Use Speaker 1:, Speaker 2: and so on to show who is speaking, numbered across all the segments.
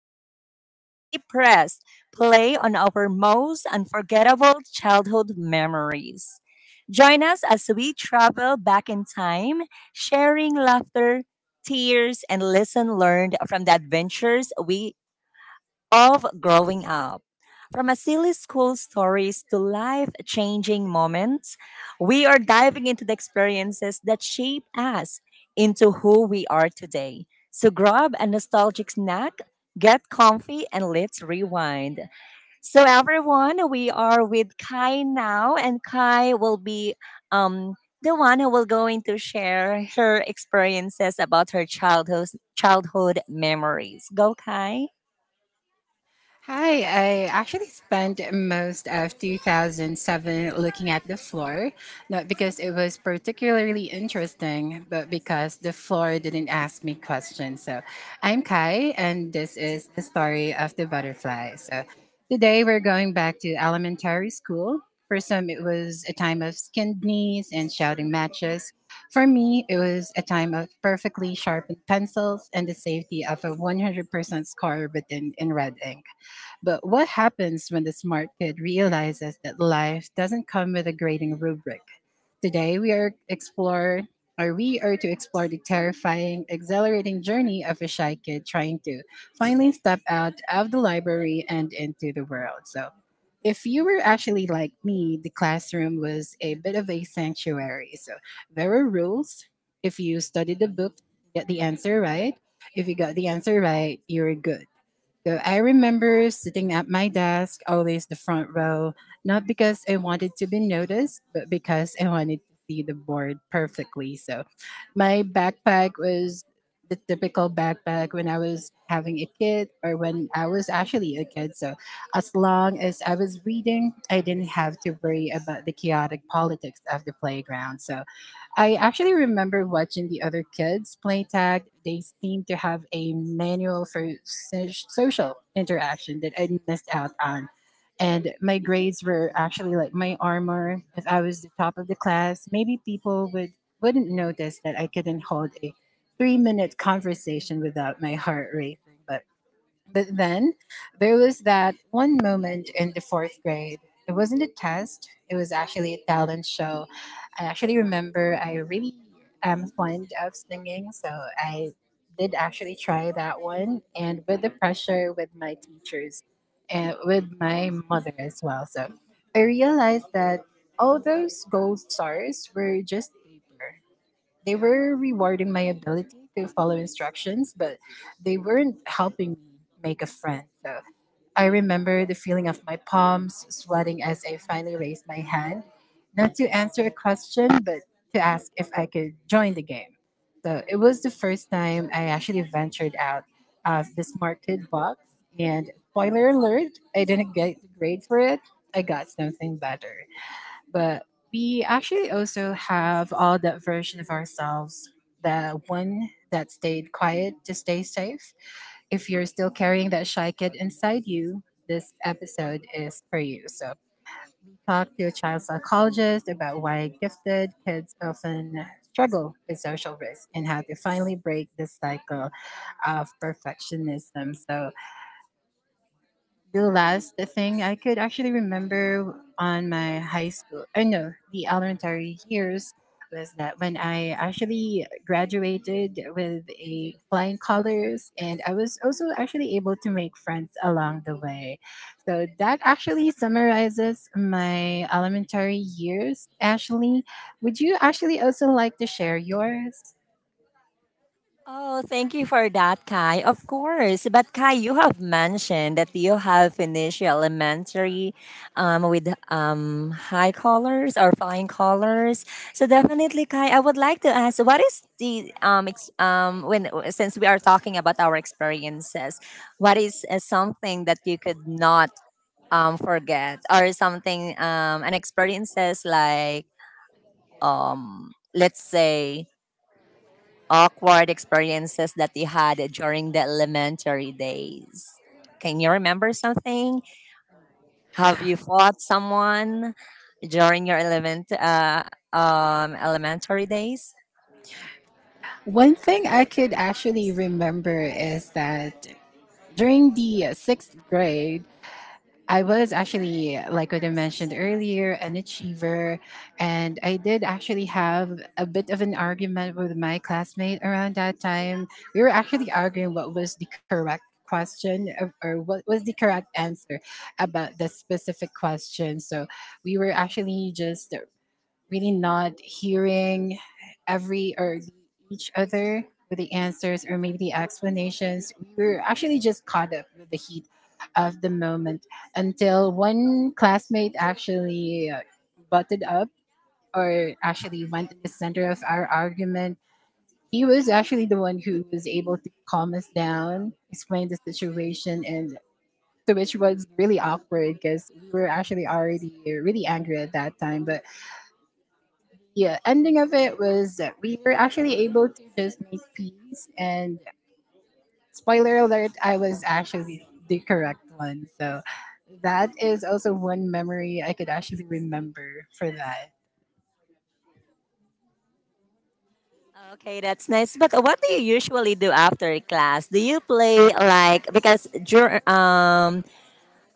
Speaker 1: podcast where we press play on our most unforgettable childhood memories. Join us as we travel back in time, sharing laughter, tears, and lesson learned from the adventures we of growing up. From a silly school stories to life changing moments, we are diving into the experiences that shape us into who we are today. So grab a nostalgic snack, get comfy, and let's rewind. So, everyone, we are with Kai now, and Kai will be um, the one who will going to share her experiences about her childhood memories. Go, Kai.
Speaker 2: Hi, I actually spent most of 2007 looking at the floor, not because it was particularly interesting, but because the floor didn't ask me questions. So I'm Kai, and this is the story of the butterfly. So today we're going back to elementary school. For some, it was a time of skinned knees and shouting matches. For me, it was a time of perfectly sharpened pencils and the safety of a 100% score written in red ink. But what happens when the smart kid realizes that life doesn't come with a grading rubric? Today we are explore or we are to explore the terrifying, exhilarating journey of a shy kid trying to finally step out of the library and into the world. So if you were actually like me, the classroom was a bit of a sanctuary. So there were rules. If you studied the book, get the answer right. If you got the answer right, you were good. So I remember sitting at my desk, always the front row, not because I wanted to be noticed, but because I wanted to see the board perfectly. So my backpack was the typical backpack when I was having a kid or when I was actually a kid. So as long as I was reading, I didn't have to worry about the chaotic politics of the playground. So I actually remember watching the other kids play tag. They seemed to have a manual for social interaction that I missed out on. And my grades were actually like my armor. If I was the top of the class, maybe people would wouldn't notice that I couldn't hold a 3 minute conversation without my heart racing. But then there was that one moment in the fourth grade. It wasn't a test, it was actually a talent show. I actually remember I really am fond of singing, so I did actually try that one and with the pressure with my teachers and with my mother as well. So I realized that all those gold stars were just paper. They were rewarding my ability to follow instructions, but they weren't helping me make a friend. So I remember the feeling of my palms sweating as I finally raised my hand, not to answer a question, but to ask if I could join the game. So it was the first time I actually ventured out of this market box. And spoiler alert, I didn't get the grade for it. I got something better, but we actually also have all that version of ourselves, the one that stayed quiet to stay safe. If you're still carrying that shy kid inside you, this episode is for you. So talk to a child psychologist about why gifted kids often struggle with social risk and how to finally break this cycle of perfectionism. So the last thing I could actually remember on my high school, I no, the elementary years was that when I actually graduated with a flying colors and I was also actually able to make friends along the way. So that actually summarizes my elementary years. Ashley, would you actually also like to share yours?
Speaker 1: Oh, thank you for that, Kai. Of course. But Kai, you have mentioned that you have finished your elementary with high colors or flying colors. So definitely, Kai, I would like to ask, what is the, when since we are talking about our experiences, what is something that you could not forget, or something, an experiences like, let's say, awkward experiences that you had during the elementary days? Can you remember something? Have you fought someone during your elementary days?
Speaker 2: One thing I could actually remember is that during the sixth grade, I was actually, like what I mentioned earlier, an achiever. And I did actually have a bit of an argument with my classmate around that time. We were actually arguing what was the correct answer about the specific question. So we were actually just really not hearing every or each other with the answers or maybe the explanations. We were actually just caught up with the heat of the moment until one classmate actually butted up or actually went in the center of our argument. He was actually the one who was able to calm us down, explain the situation, and so which was really awkward because we were actually already really angry at that time. But the ending of it was that we were actually able to just make peace. And spoiler alert, I was actually the correct one. So that is also one memory I could actually remember for that.
Speaker 1: Okay, that's nice. But what do you usually do after class? Do you play, like, because dur- um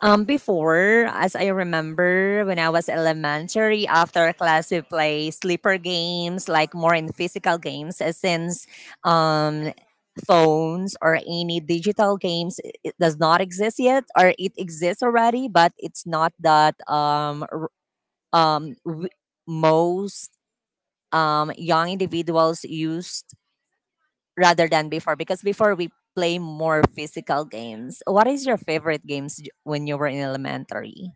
Speaker 1: um before, as I remember, when I was elementary, after class we play sleeper games, like more in physical games, since um phones or any digital games, it does not exist yet, or it exists already but it's not that um w- most young individuals used rather than before, because before we play more physical games. What is your favorite games when you were in elementary?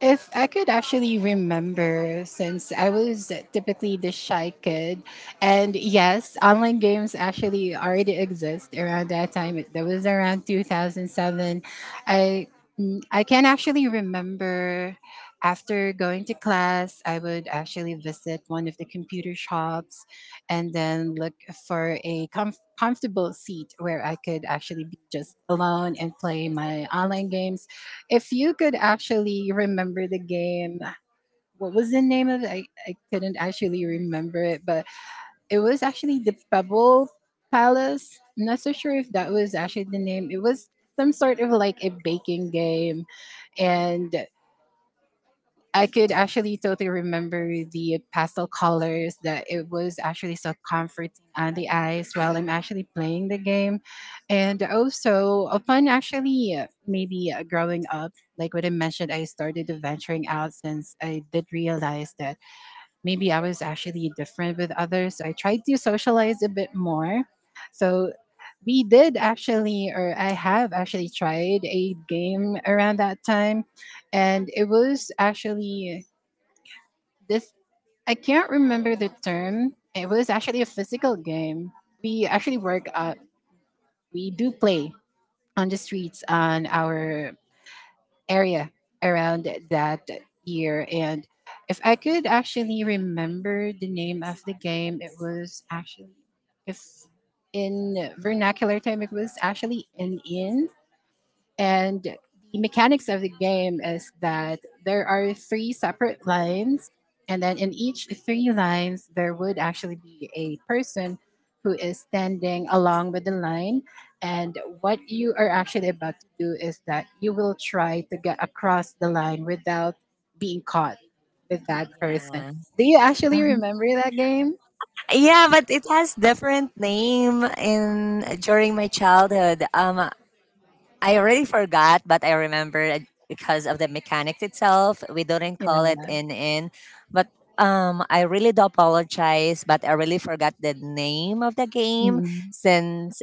Speaker 2: If I could actually remember, since I was typically the shy kid, and yes, online games actually already exist around that time. That was around 2007. I I can actually remember after going to class, I would actually visit one of the computer shops and then look for a comfortable seat where I could actually be just alone and play my online games. If you could actually remember the game, what was the name of it? I couldn't actually remember it, but it was actually the Pebble Palace. I'm not so sure if that was actually the name. It was some sort of like a baking game, and I could actually totally remember the pastel colors that it was actually so comforting on the eyes while I'm actually playing the game. And also, upon actually maybe growing up, like what I mentioned, I started venturing out since I did realize that maybe I was actually different with others. So I tried to socialize a bit more. So we did actually, or I have actually tried a game around that time, and it was actually this. I can't remember the term. It was actually a physical game. We actually work out. We do play on the streets on our area around that year. And if I could actually remember the name of the game, it was actually, if in vernacular term, it was actually an in. And the mechanics of the game is that there are three separate lines, and then in each three lines, there would actually be a person who is standing along with the line. And what you are actually about to do is that you will try to get across the line without being caught with that person.
Speaker 1: Yeah.
Speaker 2: Do you actually remember that game?
Speaker 1: Yeah, but it has different name in during my childhood. I already forgot, but I remember it because of the mechanics itself. We didn't
Speaker 2: Yeah.
Speaker 1: call it in, but I really do apologize, but I really forgot the name of the game
Speaker 2: Mhm.
Speaker 1: since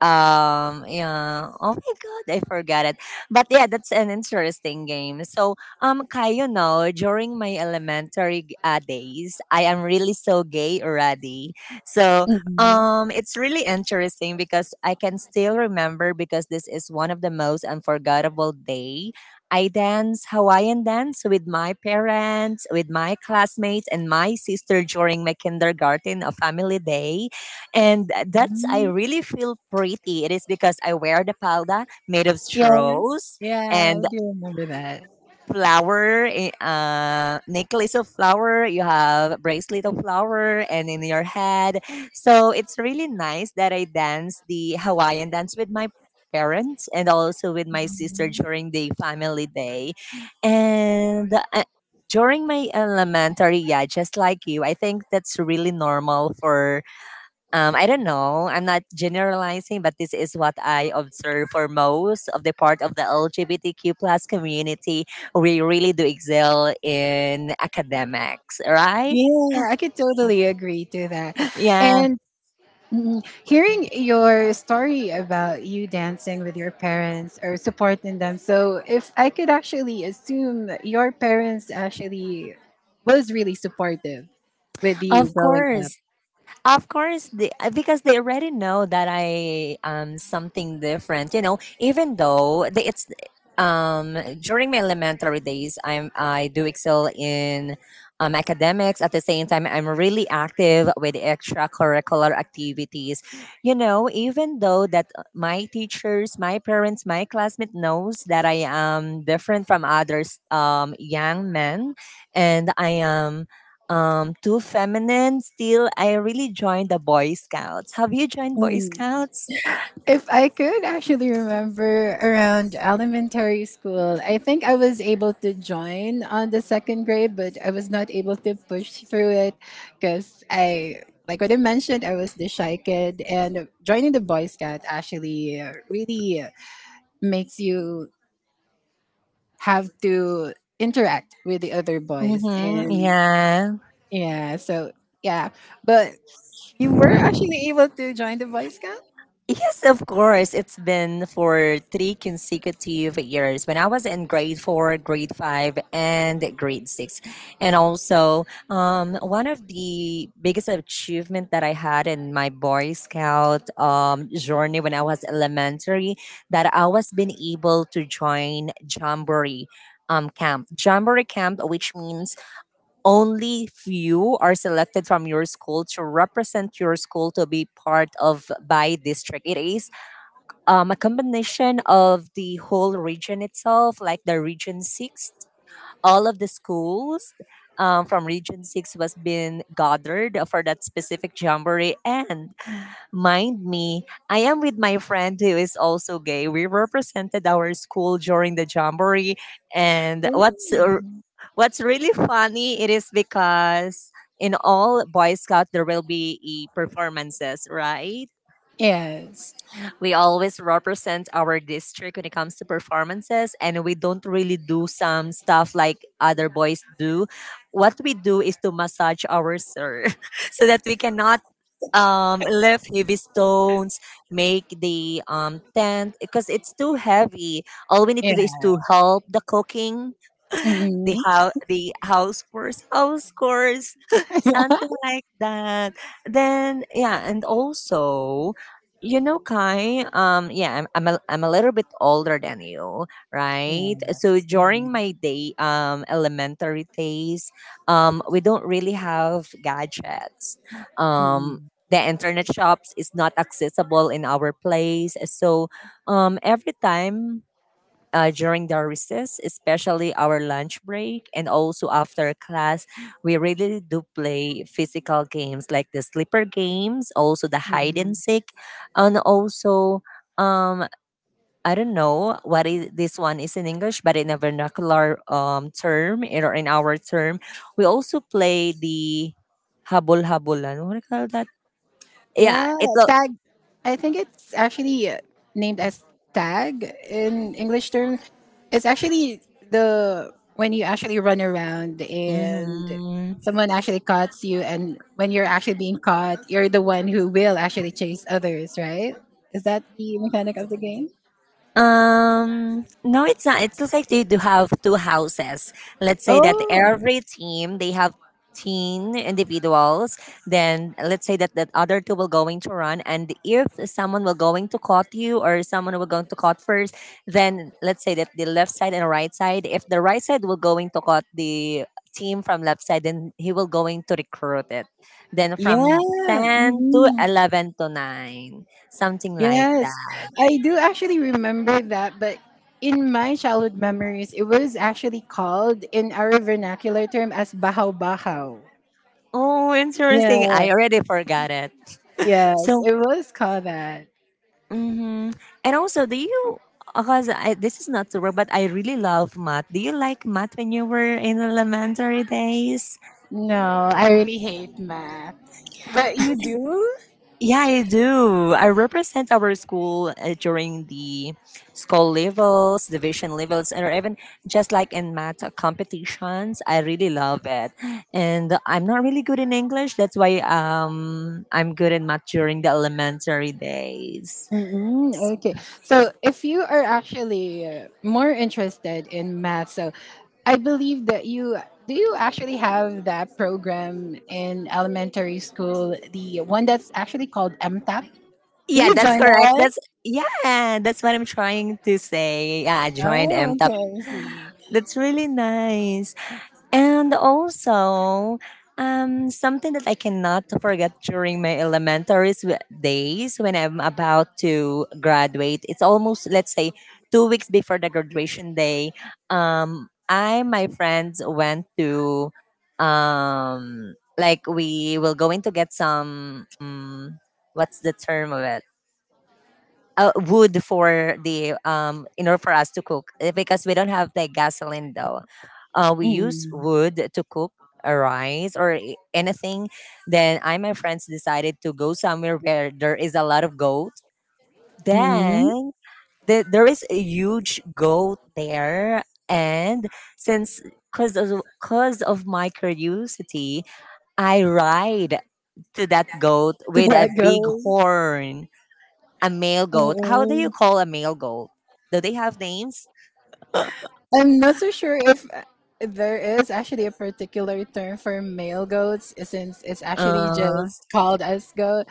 Speaker 1: yeah, oh my god, I forgot it. But yeah, that's an interesting game. So Kai, you know, during my elementary days, I am really so gay already. So
Speaker 2: Mhm.
Speaker 1: it's really interesting, because I can still remember, because this is one of the most unforgettable day, I dance Hawaiian dance with my parents, with my classmates and my sister during my kindergarten, a family day. And that's, I
Speaker 2: Mhm.
Speaker 1: really feel pretty. It is because I wear the palda made of
Speaker 2: Yes.
Speaker 1: straws
Speaker 2: Yeah,
Speaker 1: and
Speaker 2: I do remember that.
Speaker 1: flower, necklace of flower. You have bracelet of flower and in your head. So it's really nice that I dance the Hawaiian dance with my parents and also with my sister during the family day. And during my elementary, yeah, just like you, I think that's really normal for, I don't know. I'm not generalizing, but this is what I observe for most of the part of the LGBTQ plus community. We really do excel in academics, right?
Speaker 2: Yeah, I could totally agree to that.
Speaker 1: Yeah,
Speaker 2: And mm, hearing your story about you dancing with your parents or supporting them. So, if I could actually assume that your parents actually was really supportive with you
Speaker 1: of
Speaker 2: growing up.
Speaker 1: course. Of course, they, because they already know that I am something different. You know, even though the, it's during my elementary days, I do excel in academics. At the same time, I'm really active with extracurricular activities. You know, even though that my teachers, my parents, my classmate knows that I am different from others, young men, and I am too feminine. Still, I really joined the Boy Scouts. Have you joined Boy
Speaker 2: Mm.
Speaker 1: Scouts?
Speaker 2: If I could actually remember around elementary school, I think I was able to join on the second grade, but I was not able to push through it because I, like what I mentioned, I was the shy kid, and joining the Boy Scout actually really makes you have to interact with the other boys,
Speaker 1: Mm-hmm.
Speaker 2: and
Speaker 1: Yeah.
Speaker 2: yeah, so yeah, but you were actually able to join the Boy Scout.
Speaker 1: Yes, of course. It's been for 3 consecutive years when I was in grade 4, grade 5, and grade 6. And also, one of the biggest achievement that I had in my Boy Scout journey when I was elementary, that I was been able to join Jamboree camp. Jamboree camp, which means only few are selected from your school to represent your school to be part of by district. It is a combination of the whole region itself, like the region 6, all of the schools from region 6 was been gathered for that specific jamboree. And mind me, I am with my friend who is also gay. We represented our school during the jamboree, and what's
Speaker 2: Ooh.
Speaker 1: What's really funny it is because in all Boy Scout there will be performances, right?
Speaker 2: Yes.
Speaker 1: We always represent our district when it comes to performances, and we don't really do some stuff like other boys do. What we do is to massage our sir so that we cannot lift heavy stones, make the tent because it's too heavy. All we need to
Speaker 2: Yeah.
Speaker 1: do is to help the cooking the
Speaker 2: Mhm.
Speaker 1: how the house chores something like that. Then yeah, and also, you know, Kai, yeah, I'm a little bit older than you, right? So
Speaker 2: Yes.
Speaker 1: during
Speaker 2: Mhm.
Speaker 1: my day, elementary days, we don't really have gadgets, um
Speaker 2: Mhm.
Speaker 1: the internet shops is not accessible in our place. So every time during the recess, especially our lunch break, and also after class, we really do play physical games like the slipper games, also the hide
Speaker 2: Mhm.
Speaker 1: and seek, and also um, I don't know what is this one is in English, but in a vernacular term or in our term, we also play the habol habulan. What do you call that? Yeah,
Speaker 2: Yeah,
Speaker 1: it.
Speaker 2: tag. I think it's actually named as tag in English term. It's actually the when you actually run around and
Speaker 1: Mm-hmm.
Speaker 2: someone actually cuts you, and when you're actually being caught, you're the one who will actually chase others, right? Is that the mechanic of the game?
Speaker 1: No, it's not. It's just like they do have two houses. Let's say that
Speaker 2: Oh,
Speaker 1: every team they have 10 individuals. Then let's say that that other two will going to run, and if someone will going to caught you or someone will going to caught first, then let's say that the left side and right side. If the right side will going to caught the team from left side, then he will going to recruit it. Then from
Speaker 2: yeah.
Speaker 1: ten to
Speaker 2: Mhm.
Speaker 1: eleven to 9, something like
Speaker 2: Yes,
Speaker 1: that.
Speaker 2: I do actually remember that, but in my childhood memories, it was actually called in our vernacular term as bahaw bahaw.
Speaker 1: Oh,
Speaker 2: Yeah,
Speaker 1: interesting. I already forgot it.
Speaker 2: yes,
Speaker 1: So,
Speaker 2: it was called that.
Speaker 1: hmm and also, do you? Because I, this is not to work, but I really love math. Do you like math when you were in elementary days?
Speaker 2: No, I really hate math. But you do?
Speaker 1: Yeah, I do. I represent our school during the school levels, division levels, and or even just like in math competitions. I really love it. And I'm not really good in English. That's why I'm good in math during the elementary days.
Speaker 2: Mm-mm, okay. So, if you are actually more interested in math, so I believe that you do you actually have that program in elementary school, the one that's actually called MTAP? Did
Speaker 1: Yeah,
Speaker 2: you
Speaker 1: that's
Speaker 2: join that
Speaker 1: correct.
Speaker 2: one?
Speaker 1: That's yeah, that's what I'm trying to say. Yeah, I joined
Speaker 2: Oh,
Speaker 1: MTAP.
Speaker 2: okay. I see.
Speaker 1: That's really nice. And also, something that I cannot forget during my days when I'm about to graduate. It's almost, let's say, 2 weeks before the graduation day. I my friends went to, like we will going to get some, what's the term of it? Wood, for the in order for us to cook. Because we don't have like gasoline though. We use
Speaker 2: Mm.
Speaker 1: wood to cook a rice or anything. Then I and my friends decided to go somewhere where there is a lot of goat.
Speaker 2: Mm.
Speaker 1: Then the, there is a huge goat there, and since cause of my curiosity, I ride to that goat
Speaker 2: Did
Speaker 1: with
Speaker 2: that
Speaker 1: a
Speaker 2: go?
Speaker 1: big horn, a male goat. How do you
Speaker 2: Mm-mm.
Speaker 1: call a male goat? Do they have names?
Speaker 2: I'm not so sure if there is actually a particular term for male goats eh, since it's actually
Speaker 1: Uh,
Speaker 2: just called as goat.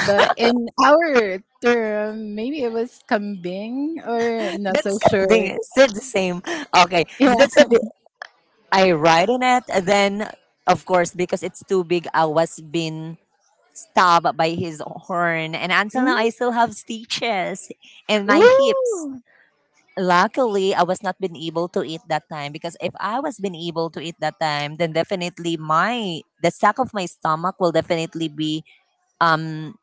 Speaker 2: But in our term, maybe it was kambing or I'm not so
Speaker 1: that's kind
Speaker 2: sure.
Speaker 1: of still the same. Okay,
Speaker 2: Yeah.
Speaker 1: that's a bit. I ride on it, and then of course, because it's too big, I was been stabbed by his horn, and until now I
Speaker 2: Mm.
Speaker 1: still have stitches in my hips.
Speaker 2: Ooh.
Speaker 1: Luckily, I was not been able to eat that time, because if I was been able to eat that time, then definitely my the sack of my stomach will definitely be um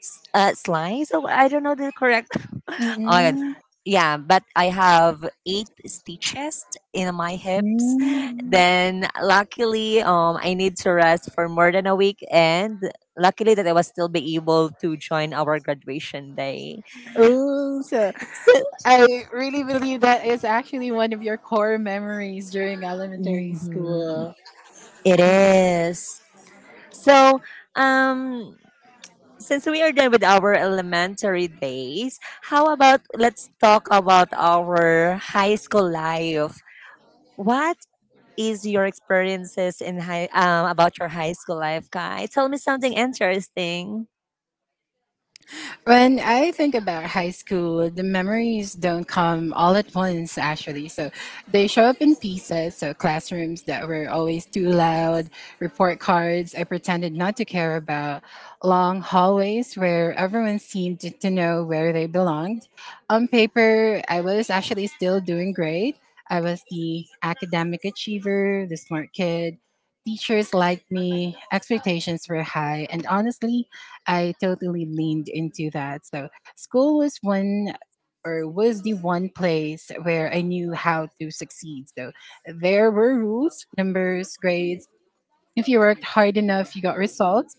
Speaker 1: slice. Oh, I don't know the correct. Oh my god.
Speaker 2: Mm-mm.
Speaker 1: Yeah, but I have 8 stitches in my hips.
Speaker 2: Mm.
Speaker 1: Then luckily, I need to rest for more than a week, and luckily that I was still be able to join our graduation day.
Speaker 2: Ooh. So
Speaker 1: So.
Speaker 2: I really believe that is actually one of your core memories during elementary
Speaker 1: Mhm.
Speaker 2: school.
Speaker 1: It is. So, um, since we are done with our elementary days, how about let's talk about our high school life? What is your experiences in high, about your high school life, Kai? Tell me something interesting.
Speaker 2: When I think about high school, the memories don't come all at once, actually. So they show up in pieces. So classrooms that were always too loud, report cards I pretended not to care about, long hallways where everyone seemed to know where they belonged. On paper, I was actually still doing great. I was the academic achiever, the smart kid. Teachers liked me, expectations were high, and honestly, I totally leaned into that. So school was one or was the one place where I knew how to succeed. So there were rules, numbers, grades. If you worked hard enough, you got results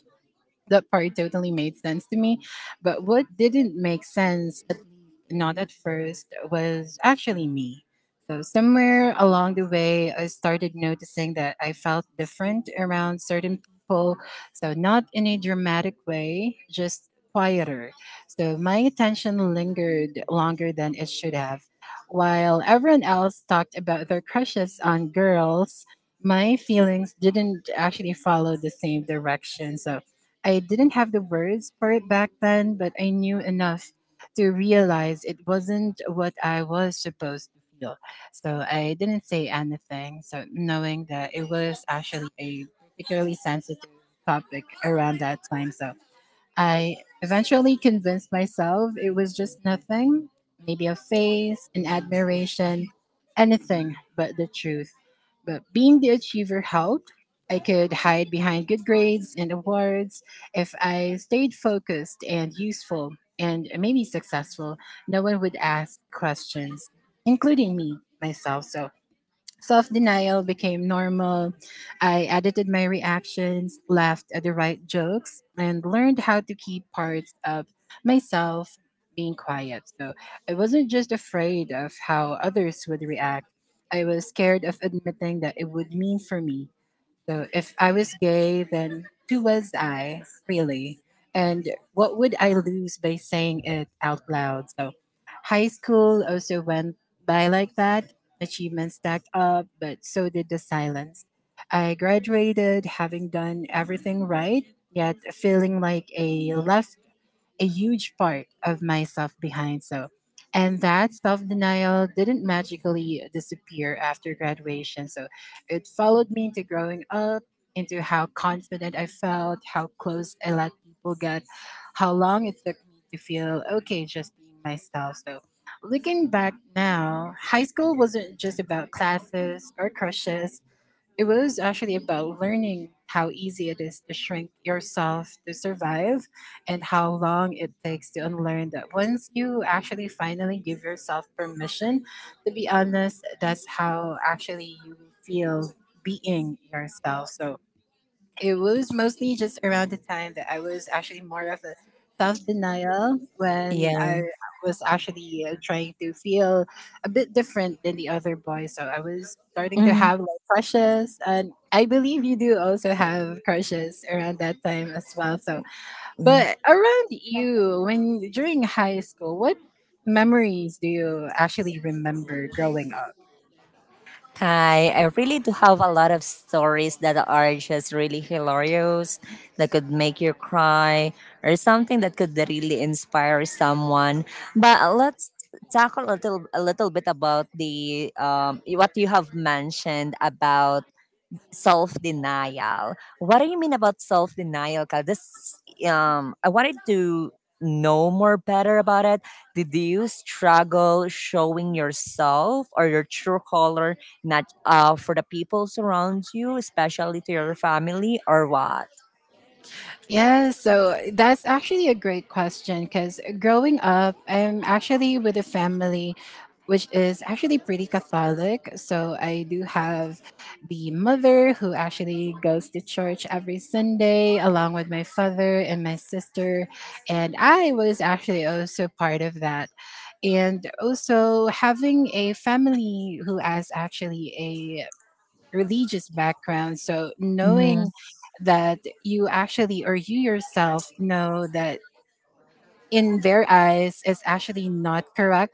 Speaker 2: that part totally made sense to me. But what didn't make sense, at least not at first, was actually me. So somewhere along the way, I started noticing that I felt different around certain people. So not in a dramatic way, just quieter. So my attention lingered longer than it should have. While everyone else talked about their crushes on girls, my feelings didn't actually follow the same direction. So I didn't have the words for it back then, but I knew enough to realize it wasn't what I was supposed to feel. So I didn't say anything. So knowing that it was actually a particularly sensitive topic around that time. So I eventually convinced myself it was just nothing, maybe a phase, an admiration, anything but the truth. But being the achiever helped. I could hide behind good grades and awards if I stayed focused and useful and maybe successful. No one would ask questions, including me myself. So self denial became normal. I edited my reactions, laughed at the right jokes, and learned how to keep parts of myself being quiet. So I wasn't just afraid of how others would react, I was scared of admitting that it would mean for me. So if I was gay, then who was I, really? And what would I lose by saying it out loud? So high school also went by like that. Achievements stacked up, but so did the silence. I graduated having done everything right, yet feeling like a left a huge part of myself behind. So, and that self denial didn't magically disappear after graduation. So, it followed me into growing up, into how confident I felt, how close I let people get, how long it took me to feel okay just being myself. So, looking back now, high school wasn't just about classes or crushes. It was actually about learning how easy it is to shrink yourself to survive and how long it takes to unlearn that. Once you actually finally give yourself permission, to be honest, that's how actually you feel being yourself. So it was mostly just around the time that I was actually more of a self denial when
Speaker 1: Yeah.
Speaker 2: I was actually trying to feel a bit different than the other boys. So I was starting to
Speaker 1: Mhm.
Speaker 2: have like crushes, and I believe you do also have crushes around that time as well. So,
Speaker 1: Yeah.
Speaker 2: but around you, when during high school, what memories do you actually remember growing up?
Speaker 1: Kai, I really do have a lot of stories that are just really hilarious, that could make you cry, or something that could really inspire someone. But let's talk a little bit about the, what you have mentioned about self denial. What do you mean about self denial, Kyle? This I wanted to know more better about it. Did you struggle showing yourself or your true color, not for the people around you, especially to your family, or what?
Speaker 2: Yeah, so that's actually a great question because growing up, I'm actually with a family which is actually pretty Catholic. So I do have the mother who actually goes to church every Sunday, along with my father and my sister. And I was actually also part of that. And also having a family who has actually religious background. So
Speaker 1: Mhm,
Speaker 2: knowing that you actually or you yourself know that in their eyes is actually not correct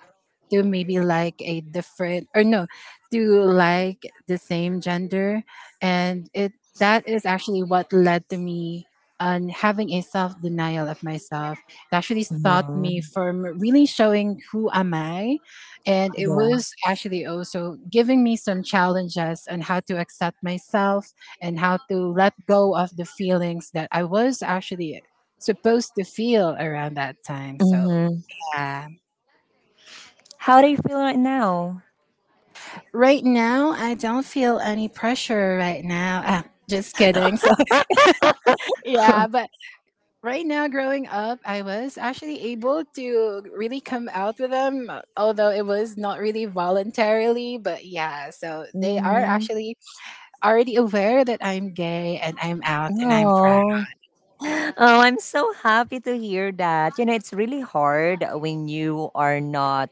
Speaker 2: to maybe like a different or no to like the same gender and it that is actually what led to me on having a self denial of myself. It actually stopped
Speaker 1: mhm,
Speaker 2: me from really showing who am I, and it
Speaker 1: yeah,
Speaker 2: was actually also giving me some challenges on how to accept myself and how to let go of the feelings that I was actually supposed to feel around that time. So
Speaker 1: mhm.
Speaker 2: uh,
Speaker 1: How do you feel right now?
Speaker 2: right now, I don't feel any pressure right now. Ah, just kidding. So yeah, but right now, growing up, I was actually able to really come out with them, although it was not really voluntarily. But yeah, so they are
Speaker 1: Mhm.
Speaker 2: actually already aware that I'm gay and I'm out and I'm proud.
Speaker 1: Oh. Oh, I'm so happy to hear that. It's really hard when you are not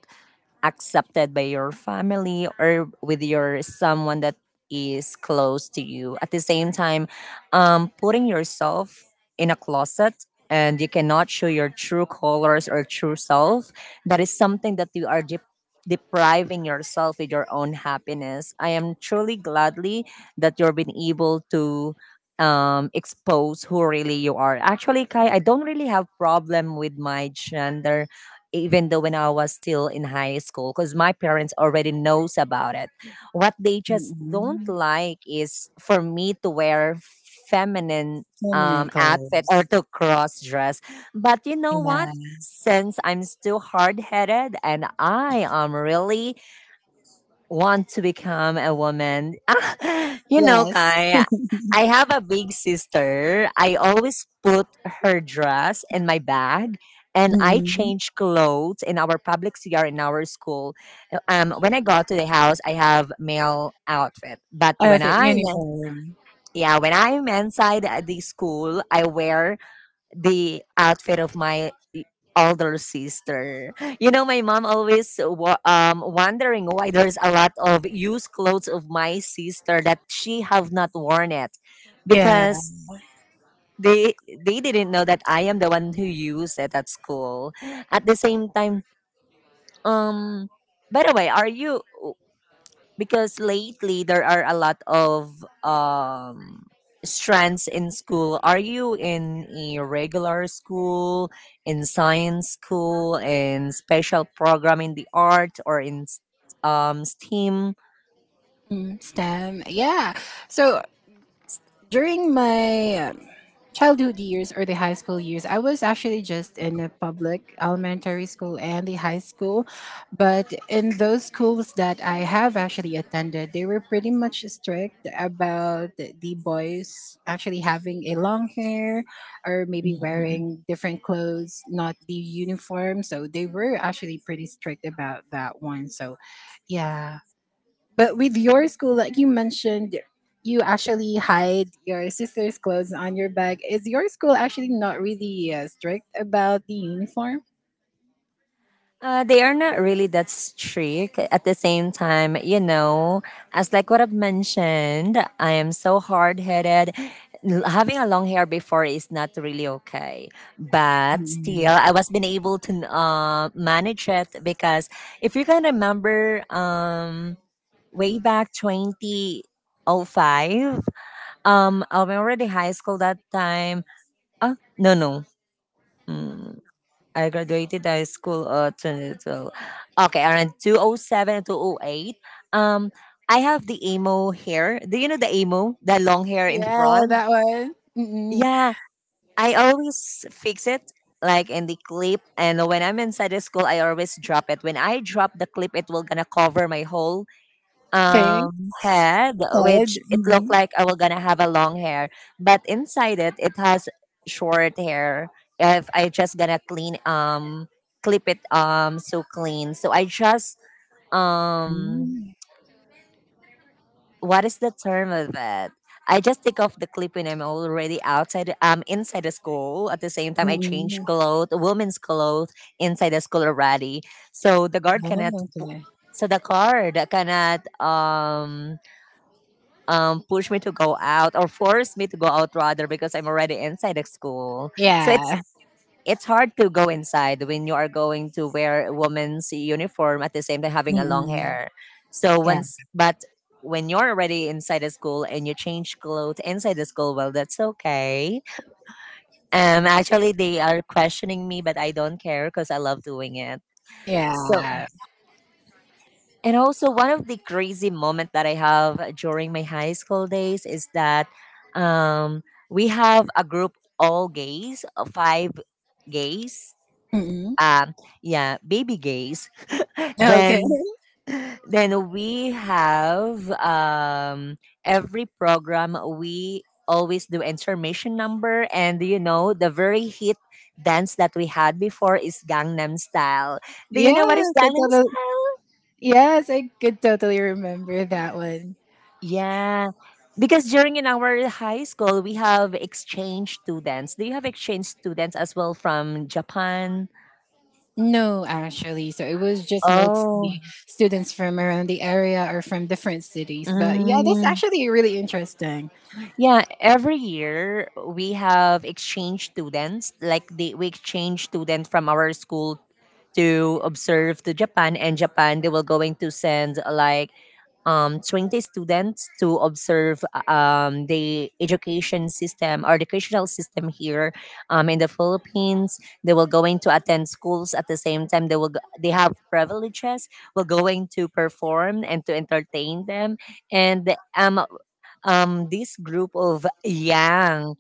Speaker 1: accepted by your family or with your someone that is close to you at the same time, putting yourself in a closet and you cannot show your true colors or true self. That is something that you are depriving yourself with your own happiness. I am truly gladly that you've been able to expose who really you are, actually. Kai, I don't really have problem with my gender even though when I was still in high school, because my parents already knows about it. What they just don't
Speaker 2: Mm-mm.
Speaker 1: like is for me to wear feminine
Speaker 2: Feminine
Speaker 1: outfit or
Speaker 2: clothes.
Speaker 1: to cross dress. But you know
Speaker 2: Yeah.
Speaker 1: what? Since I'm still hard headed and I am really want to become a woman. Ah,
Speaker 2: Yes.
Speaker 1: Kai, I have a big sister. I always put her dress in my bag and I
Speaker 2: Mm-mm.
Speaker 1: change clothes in our public CR in our school. When I got to the house, I have male outfit. But when
Speaker 2: Outfit,
Speaker 1: I
Speaker 2: uniform.
Speaker 1: Yeah, when I'm inside the school, I wear the outfit of my older sister. My mom always wondering why there's a lot of used clothes of my sister that she have not worn it,
Speaker 2: Yeah.
Speaker 1: because they they didn't know that I am the one who used it at school. At the same time, um by the way, are you, because lately there are a lot of strands in school, are you in a regular school, in science school, in special program in the art, or in STEAM?
Speaker 2: Mm, STEM. Yeah. So during my childhood years or the high school years, I was actually just in a public elementary school and the high school. But in those schools that I have actually attended, they were pretty much strict about the boys actually having a long hair or maybe wearing different clothes, not the uniform. So they were actually pretty strict about that one. So, yeah. But with your school, like you mentioned, you actually hide your sister's clothes on your bag. Is your school actually not really strict about the uniform?
Speaker 1: They are not really that strict. At the same time, as like what I've mentioned, I am so hard headed. Having a long hair before is not really okay, but
Speaker 2: Mm.
Speaker 1: still, I was been able to manage it, because if you can remember, way back 2005, I'm already high school that time. No, no. Mm. I graduated high school 2012. Okay, around 207 and 208. Um I have the emo hair. Do you know the emo? The long hair in
Speaker 2: Yeah,
Speaker 1: front?
Speaker 2: that one. Mm-mm.
Speaker 1: Yeah, I always fix it like in the clip, and when I'm inside the school I always drop it. When I drop the clip it will gonna cover my whole
Speaker 2: Thanks,
Speaker 1: head,
Speaker 2: Ted.
Speaker 1: which it looked
Speaker 2: Mm-mm.
Speaker 1: like I was gonna have a long hair, but inside it has short hair. If I just gonna clean, clip it, so clean, so I just, um
Speaker 2: Mm.
Speaker 1: what is the term of it. I just take off the clip when I'm already outside, inside the school. At the same time, I
Speaker 2: Mm-mm.
Speaker 1: change clothes, women's clothes, inside the school already, so
Speaker 2: Oh,
Speaker 1: pu-
Speaker 2: okay.
Speaker 1: the guard cannot, push me to go out or force me to go out rather, because I'm already inside the school. So it's
Speaker 2: Yeah.
Speaker 1: it's hard to go inside when you are going to wear a woman's uniform at the same time having a long
Speaker 2: Mm-mm.
Speaker 1: hair. So
Speaker 2: Yeah.
Speaker 1: once But when you're already inside the school and you change clothes inside the school, well that's okay. Actually they are questioning me, but I don't care because I love doing it. So
Speaker 2: Yeah.
Speaker 1: And also, one of the crazy moment that I have during my high school days is that, um, we have a group, all gays, five gays,
Speaker 2: Mm-mm.
Speaker 1: um, yeah, baby gays.
Speaker 2: Okay.
Speaker 1: Then, then we have, every program we always do information number. And you know the very hit dance that we had before is Gangnam Style. Do you know what
Speaker 2: Yeah,
Speaker 1: is
Speaker 2: could
Speaker 1: Gangnam?
Speaker 2: totally, yes, I could totally remember that one.
Speaker 1: Yeah, because during in our high school we have exchange students. Do you have exchange students as well from Japan?
Speaker 2: No, actually. So it was just
Speaker 1: Oh,
Speaker 2: mostly students from around the area or from different cities. But yeah, that's
Speaker 1: mm,
Speaker 2: actually really interesting.
Speaker 1: yeah. Every year we have exchange students. Like we exchange students from our school to observe to Japan, and Japan they will going to send like, train the students to observe, the education system or educational system here, in the Philippines. They will going to attend schools at the same time. They have privileges. We're going to perform and to entertain them. And, this group of young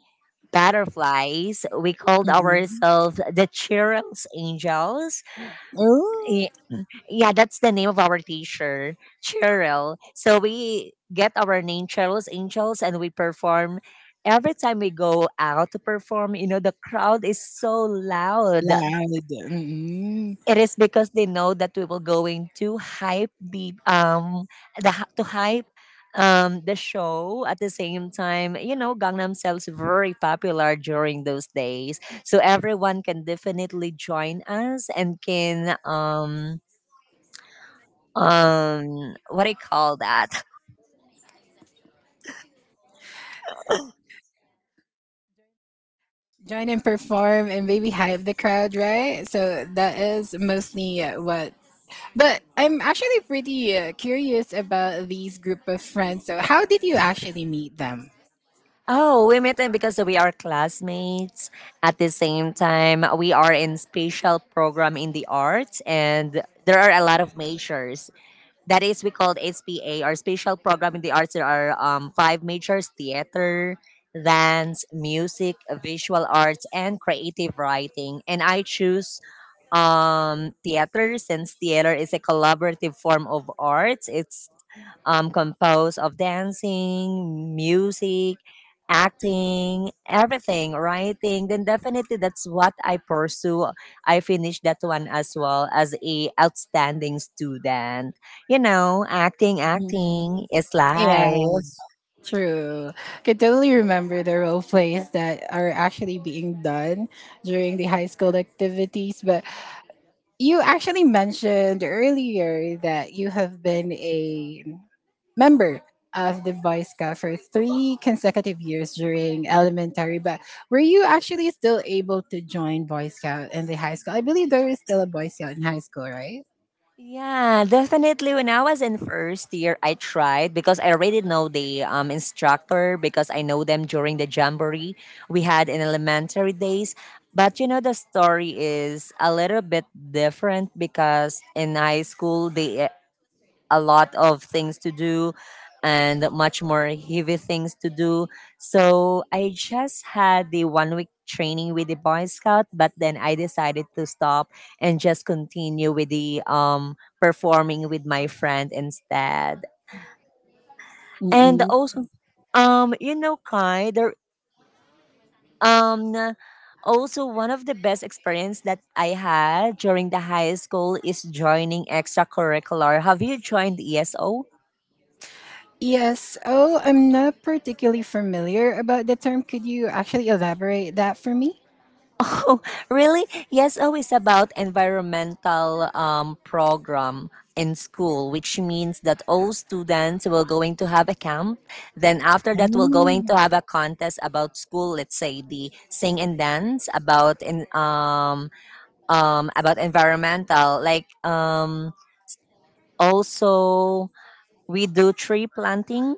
Speaker 1: butterflies, we called
Speaker 2: Mhm.
Speaker 1: ourselves the Cheryl's Angels.
Speaker 2: Oh,
Speaker 1: Eh, yeah, that's the name of our teacher, Cheryl. So we get our name, Cheryl's Angels, and we perform. Every time we go out to perform, the crowd is so loud.
Speaker 2: loud. Mhm.
Speaker 1: It is because they know that we will going to hype to hype the show at the same time. You know, Gangnam Style's very popular during those days, so everyone can definitely join us and can, what I call that.
Speaker 2: Join and perform and maybe hype the crowd, right? So that is mostly what. But I'm actually pretty curious about these group of friends. So how did you actually meet them?
Speaker 1: Oh, we met them because we are classmates. At the same time, we are in special program in the arts and there are a lot of majors. That is we called SPA, or special program in the arts. There are five majors: theater, dance, music, visual arts, and creative writing. And I choose theater, since theater is a collaborative form of arts. It's composed of dancing, music, acting, everything, writing, then definitely that's what I pursue. I finished that one as well as a outstanding student. You know, acting,
Speaker 2: Mhm.
Speaker 1: acting is
Speaker 2: Yeah.
Speaker 1: life.
Speaker 2: True. Can totally remember the role plays that are actually being done during the high school activities. But you actually mentioned earlier that you have been a member of the Boy Scout for 3 consecutive years during elementary. But were you actually still able to join Boy Scout in the high school? I believe there is still a Boy Scout in high school, right?
Speaker 1: Yeah, definitely. When I was in first year, I tried because I already know the instructor, because I know them during the jamboree we had in elementary days. But you know, the story is a little bit different because in high school, the a lot of things to do and much more heavy things to do. So I just had the one week training with the Boy Scout, but then I decided to stop and just continue with the performing with my friend instead. And also, Kai, there, um also one of the best experience that I had during the high school is joining extracurricular. Have you joined ESO?
Speaker 2: Yes. Oh, I'm not particularly familiar about the term. Could you actually elaborate that for me?
Speaker 1: Oh, really? Yes, always about environmental, program in school, which means that all students will going to have a camp. Then after that, we're going
Speaker 2: Mm.
Speaker 1: to have a contest about school. Let's say the sing and dance about in, about environmental. Like also we do tree planting,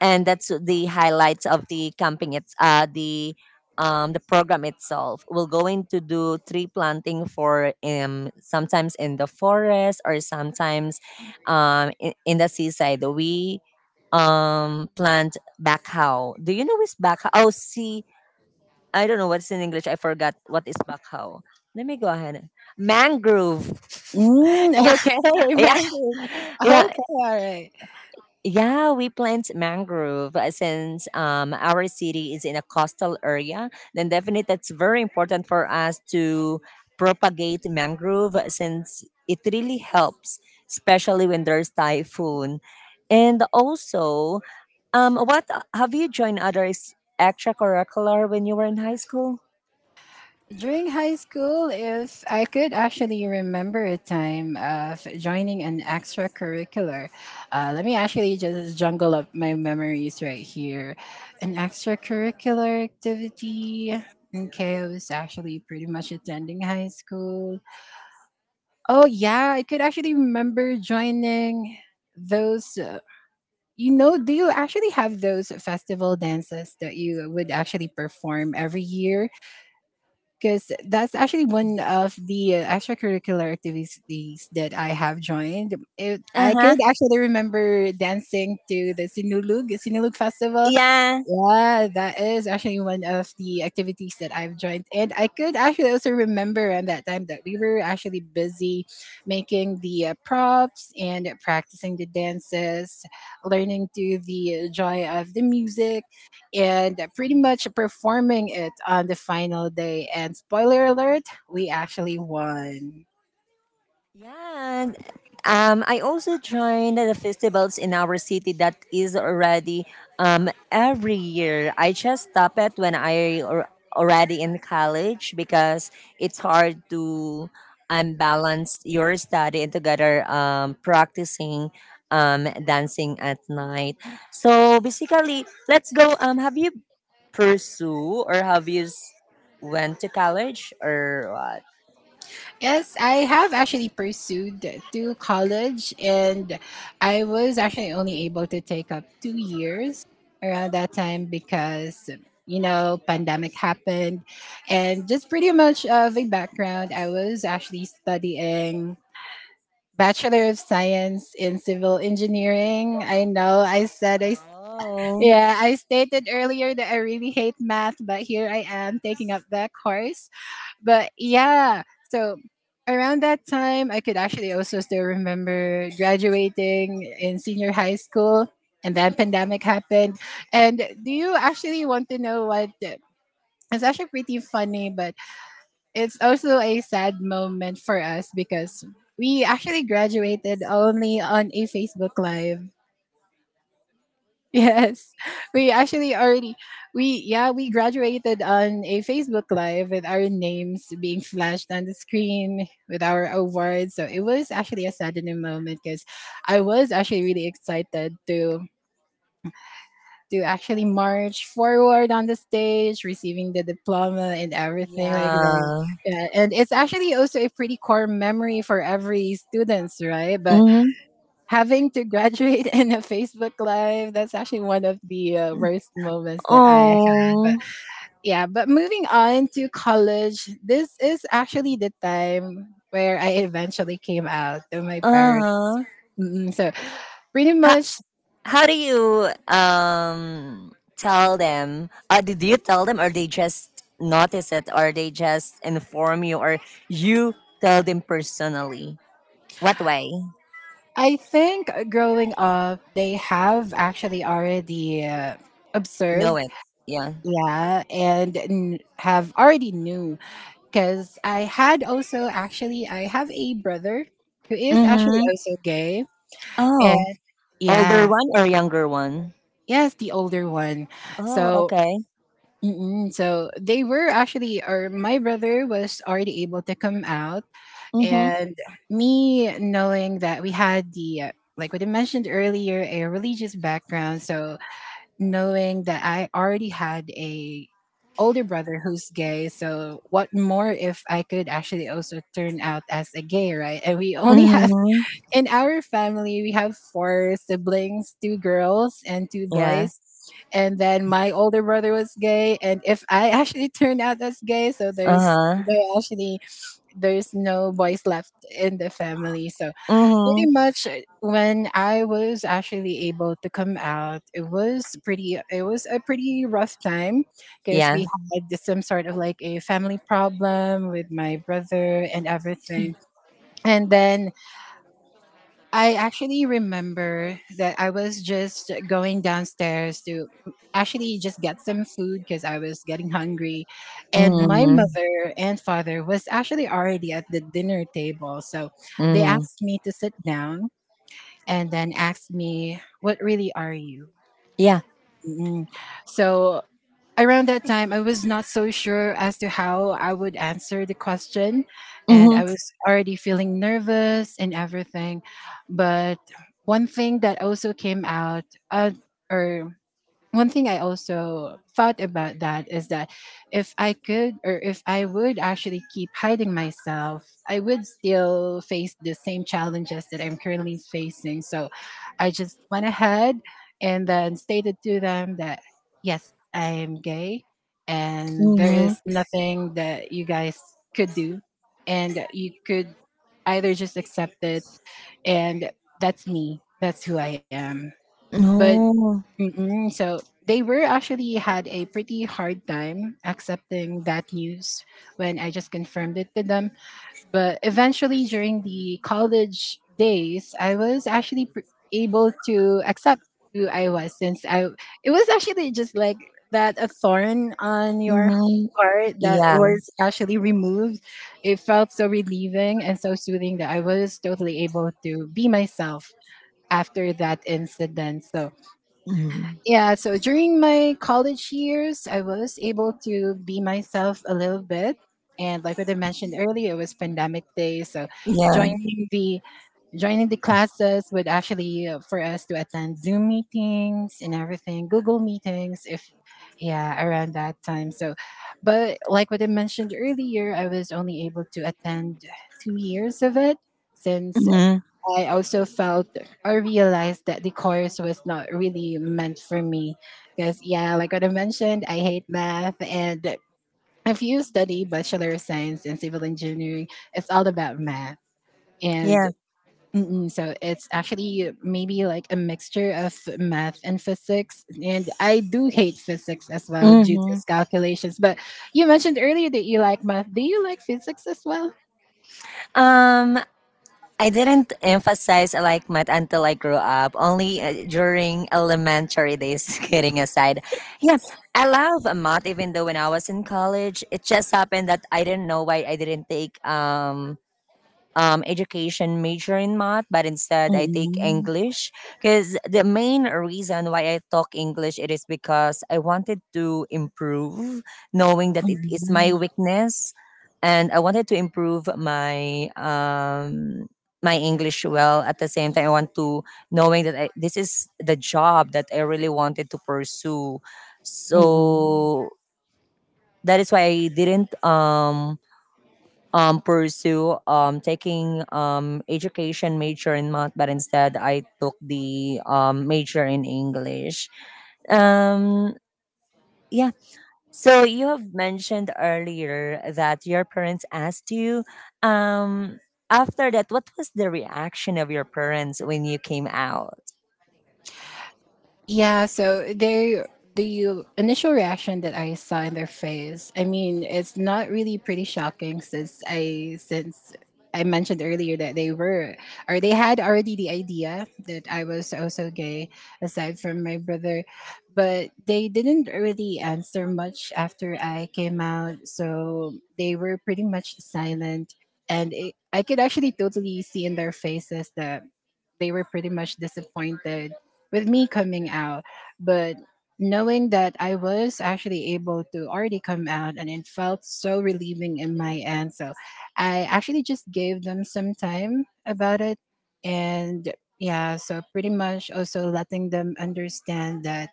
Speaker 1: and that's the highlights of the camping. It's the program itself. We're going to do tree planting for, sometimes in the forest, or sometimes, in, the seaside, we plant backhau. Do you know what's backhau? Oh see, I don't know what's in English. I forgot what is backhau. Let me go ahead. Mangrove.
Speaker 2: Mm,
Speaker 1: Yeah,
Speaker 2: okay,
Speaker 1: yeah,
Speaker 2: mango.
Speaker 1: yeah,
Speaker 2: Okay, all right.
Speaker 1: yeah, we plant mangrove, since, our city is in a coastal area. Then definitely that's very important for us to propagate mangrove, since it really helps, especially when there's typhoon. And also, what, have you joined other extracurricular when you were in high school?
Speaker 2: During high school, if I could actually remember a time of joining an extracurricular, let me actually just jungle up my memories right here. An extracurricular activity. Okay, I was actually pretty much attending high school. Oh yeah, I could actually remember joining those. You know, do you actually have those festival dances that you would actually perform every year? Because that's actually one of the extracurricular activities that I have joined. It,
Speaker 1: Uh
Speaker 2: I
Speaker 1: huh.
Speaker 2: could actually remember dancing to the Sinulog Festival.
Speaker 1: Yeah.
Speaker 2: Yeah, that is actually one of the activities that I've joined. And I could actually also remember at that time that we were actually busy making the props and practicing the dances, learning to the joy of the music and pretty much performing it on the final day. And spoiler alert, we actually won.
Speaker 1: Yeah, and, I also joined the festivals in our city that is already, every year. I just stopped it when I already in college, because it's hard to, balance your study and together, practicing, dancing at night. So basically, let's go. Have you pursue or have you went to college or what?
Speaker 2: Yes, I have actually pursued to college, and I was actually only able to take up 2 years around that time because you know pandemic happened and just pretty much of a background. I was actually studying bachelor of science in civil engineering. I know I said I
Speaker 1: Oh,
Speaker 2: Yeah, I stated earlier that I really hate math, but here I am taking up that course. But yeah, so around that time, I could actually also still remember graduating in senior high school, and then pandemic happened. And do you actually want to know what? It's actually pretty funny, but it's also a sad moment for us because we actually graduated only on a Facebook Live. Yes, we actually already we yeah we graduated on a Facebook Live with our names being flashed on the screen with our awards. So it was actually a saddening moment because I was actually really excited to actually march forward on the stage, receiving the diploma and everything like that.
Speaker 1: yeah.
Speaker 2: Yeah, and it's actually also a pretty core memory for every students, right? But
Speaker 1: Mm-hmm.
Speaker 2: having to graduate in a Facebook Live, that's actually one of the worst moments that I had. But
Speaker 1: Oh,
Speaker 2: yeah, but moving on to college, this is actually the time where I eventually came out to my parents.
Speaker 1: uh
Speaker 2: Mm, so pretty
Speaker 1: huh.
Speaker 2: much,
Speaker 1: How do you tell them? Did you tell them, or they just notice it, or they just inform you, or you tell them personally? What way?
Speaker 2: I think growing up, they have actually already
Speaker 1: Know
Speaker 2: observed,
Speaker 1: it? Yeah.
Speaker 2: yeah, and have already knew. Because I had also actually I have a brother who is actually
Speaker 1: Mm-hmm.
Speaker 2: also gay,
Speaker 1: Oh,
Speaker 2: and
Speaker 1: older
Speaker 2: yeah,
Speaker 1: one or younger one?
Speaker 2: yes, the older one.
Speaker 1: Oh,
Speaker 2: So
Speaker 1: okay.
Speaker 2: mm-mm, so they were actually, or my brother was already able to come out,
Speaker 1: Mm-hmm.
Speaker 2: and me knowing that we had the like what I mentioned earlier, a religious background, so knowing that I already had a older brother who's gay, so what more if I could actually also turn out as a gay, right? And we only have
Speaker 1: Mm-hmm.
Speaker 2: in our family we have 4 siblings, two girls and two
Speaker 1: Yeah.
Speaker 2: boys. And then my older brother was gay and if I actually turned out as gay, so there's
Speaker 1: Uh-huh.
Speaker 2: there actually there's no boys left in the family. So pretty
Speaker 1: Mm-hmm.
Speaker 2: much when I was actually able to come out, it was pretty. It was a pretty rough time because
Speaker 1: Yeah.
Speaker 2: we had some sort of like a family problem with my brother and everything. And then I actually remember that I was just going downstairs to actually just get some food because I was getting hungry. And my
Speaker 1: Mm-hmm.
Speaker 2: mother and father was actually already at the dinner table. So they
Speaker 1: Mm-hmm.
Speaker 2: asked me to sit down and then asked me, "What really are you?"
Speaker 1: Yeah.
Speaker 2: Mm. So around that time, I was not so sure as to how I would answer the question. And
Speaker 1: Mm-hmm.
Speaker 2: I was already feeling nervous and everything. But one thing that also came out, uh, or one thing I also thought about that is that if I could or if I would actually keep hiding myself, I would still face the same challenges that I'm currently facing. So I just went ahead and then stated to them that, yes, I'm gay and there
Speaker 1: Mm-hmm.
Speaker 2: is nothing that you guys could do. And you could either just accept it and that's me, that's who I am. But.
Speaker 1: No.
Speaker 2: Mm-mm. So they were actually had a pretty hard time accepting that news when I just confirmed it to them. But eventually, during the college days, I was actually able to accept who I was, since I it was actually just like that, a thorn on your
Speaker 1: Mm-hmm.
Speaker 2: heart that
Speaker 1: Yeah.
Speaker 2: was actually removed. It felt so relieving and so soothing that I was totally able to be myself after that incident. So
Speaker 1: Mm-hmm.
Speaker 2: yeah, so during my college years, I was able to be myself a little bit. And like what I mentioned earlier, it was pandemic days. So
Speaker 1: Yeah.
Speaker 2: joining the joining the classes would actually, for us to attend Zoom meetings and everything, Google meetings, if yeah, around that time. So, but like what I mentioned earlier, I was only able to attend 2 years of it, since
Speaker 1: Mm-hmm.
Speaker 2: I also felt or realized that the course was not really meant for me. Because, yeah, like what I mentioned, I hate math. And if you study Bachelor of Science in Civil Engineering, it's all about math. And
Speaker 1: Yeah.
Speaker 2: so it's actually maybe like a mixture of math and physics. And I do hate physics as well due to
Speaker 1: Hmm.
Speaker 2: its calculations. But you mentioned earlier that you like math. Do you like physics as well?
Speaker 1: Um, I didn't emphasize I like math until I grew up. Only, during elementary days. Kidding aside, yeah, I love math. Even though when I was in college, it just happened that I didn't know why I didn't take, education major in math, but instead I take
Speaker 2: Mm-mm.
Speaker 1: English, because the main reason why I talk English it is because I wanted to improve, knowing that it is my
Speaker 2: Mm-mm.
Speaker 1: weakness, and I wanted to improve my English well. At the same time, I want to, knowing that I, this is the job that I really wanted to pursue,
Speaker 2: Mm-mm.
Speaker 1: so that is why I didn't, pursue, taking, education major in math, but instead I took the, major in English. Um, yeah. So you have mentioned earlier that your parents asked you. Um, after that, what was the reaction of your parents when you came out?
Speaker 2: Yeah, so the initial reaction that I saw in their face, I mean, it's not really pretty shocking, since I mentioned earlier that they were, or they had already the idea that I was also gay, aside from my brother, but they didn't really answer much after I came out, so they were pretty much silent. And I could actually totally see in their faces that they were pretty much disappointed with me coming out. But knowing that I was actually able to already come out, and it felt so relieving in my end. So I actually just gave them some time about it. And yeah, so pretty much also letting them understand that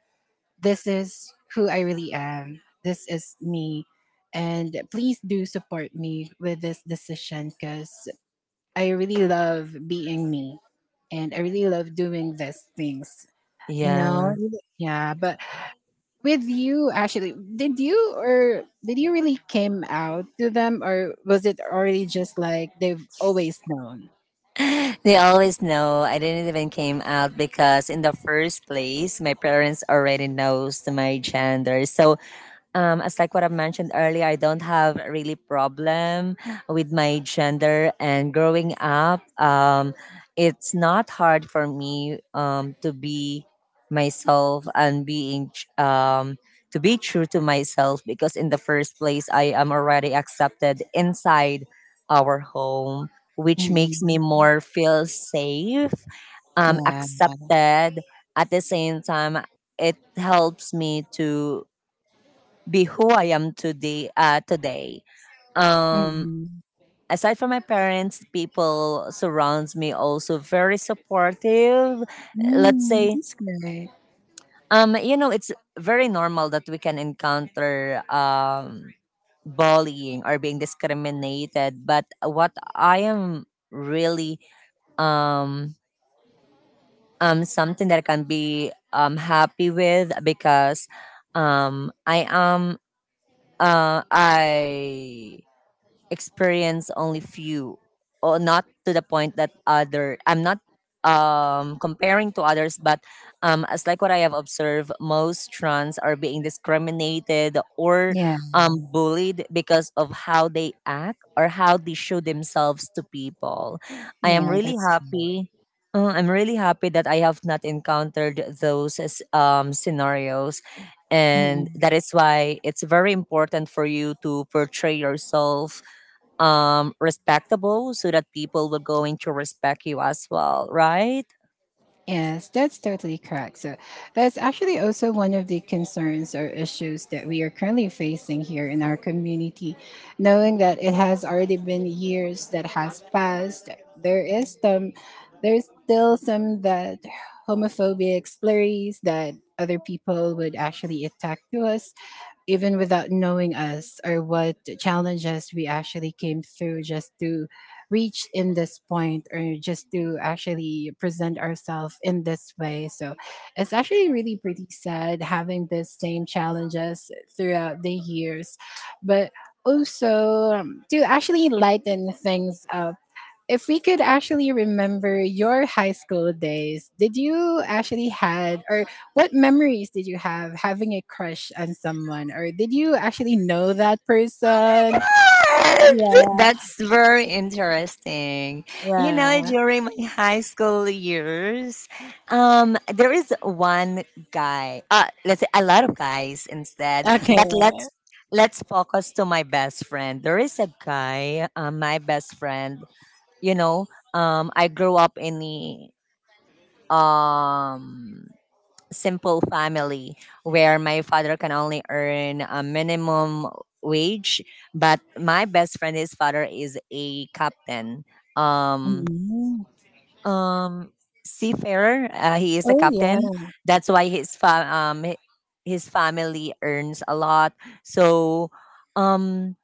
Speaker 2: this is who I really am, this is me. And please do support me with this decision, because I really love being me and I really love doing these things. You know?
Speaker 1: Yeah.
Speaker 2: Yeah. But with you actually, did you, or did you really came out to them, or was it already just like they've always known?
Speaker 1: They always know. I didn't even came out because in the first place my parents already knows my gender. So, as like what I mentioned earlier, I don't have really problem with my gender. And growing up, it's not hard for me to be myself and being to be true to myself because in the first place, I am already accepted inside our home, which makes me
Speaker 2: Mm-mm.
Speaker 1: more feel safe,
Speaker 2: Yeah.
Speaker 1: accepted. At the same time, it helps me to be who I am today. Today, um,
Speaker 2: Mm-mm.
Speaker 1: aside from my parents, people surrounds me also very supportive. Let's
Speaker 2: Mm,
Speaker 1: say,
Speaker 2: that's great.
Speaker 1: it's very normal that we can encounter bullying or being discriminated, but what I am really um something that I can be happy with because I am I experience only few or not to the point that other I'm not comparing to others but as like what I have observed, most trans are being discriminated or
Speaker 2: Yeah.
Speaker 1: bullied because of how they act or how they show themselves to people. I am
Speaker 2: Yeah,
Speaker 1: really
Speaker 2: that's good.
Speaker 1: happy, I'm really happy that I have not encountered those as, scenarios. And
Speaker 2: Mm-hmm.
Speaker 1: that is why it's very important for you to portray yourself respectable so that people will going to respect you as well, right?
Speaker 2: Yes, that's totally correct. So, that's actually also one of the concerns or issues that we are currently facing here in our community. Knowing that it has already been years that has passed, there is some, there's still some that homophobic slurries that other people would actually attack to us, even without knowing us or what challenges we actually came through just to reach in this point, or just to actually present ourselves in this way. So it's actually really pretty sad, having the same challenges throughout the years, but also, to actually lighten things up, if we could actually remember your high school days, did you actually had, or what memories did you have, having a crush on someone, or did you actually know that
Speaker 1: Oh
Speaker 2: person?
Speaker 1: my God! That's very interesting. You know, during my high school years, there is one guy. Let's say a lot of guys instead, but let's focus to my best friend. There is a guy, my best friend. You know, I grew up in the um simple family where my father can only earn a minimum wage, but my best friend, his father is a captain, um
Speaker 2: Mm.
Speaker 1: um seafarer. He is a captain.
Speaker 2: Oh
Speaker 1: That's why his his family earns a lot. So um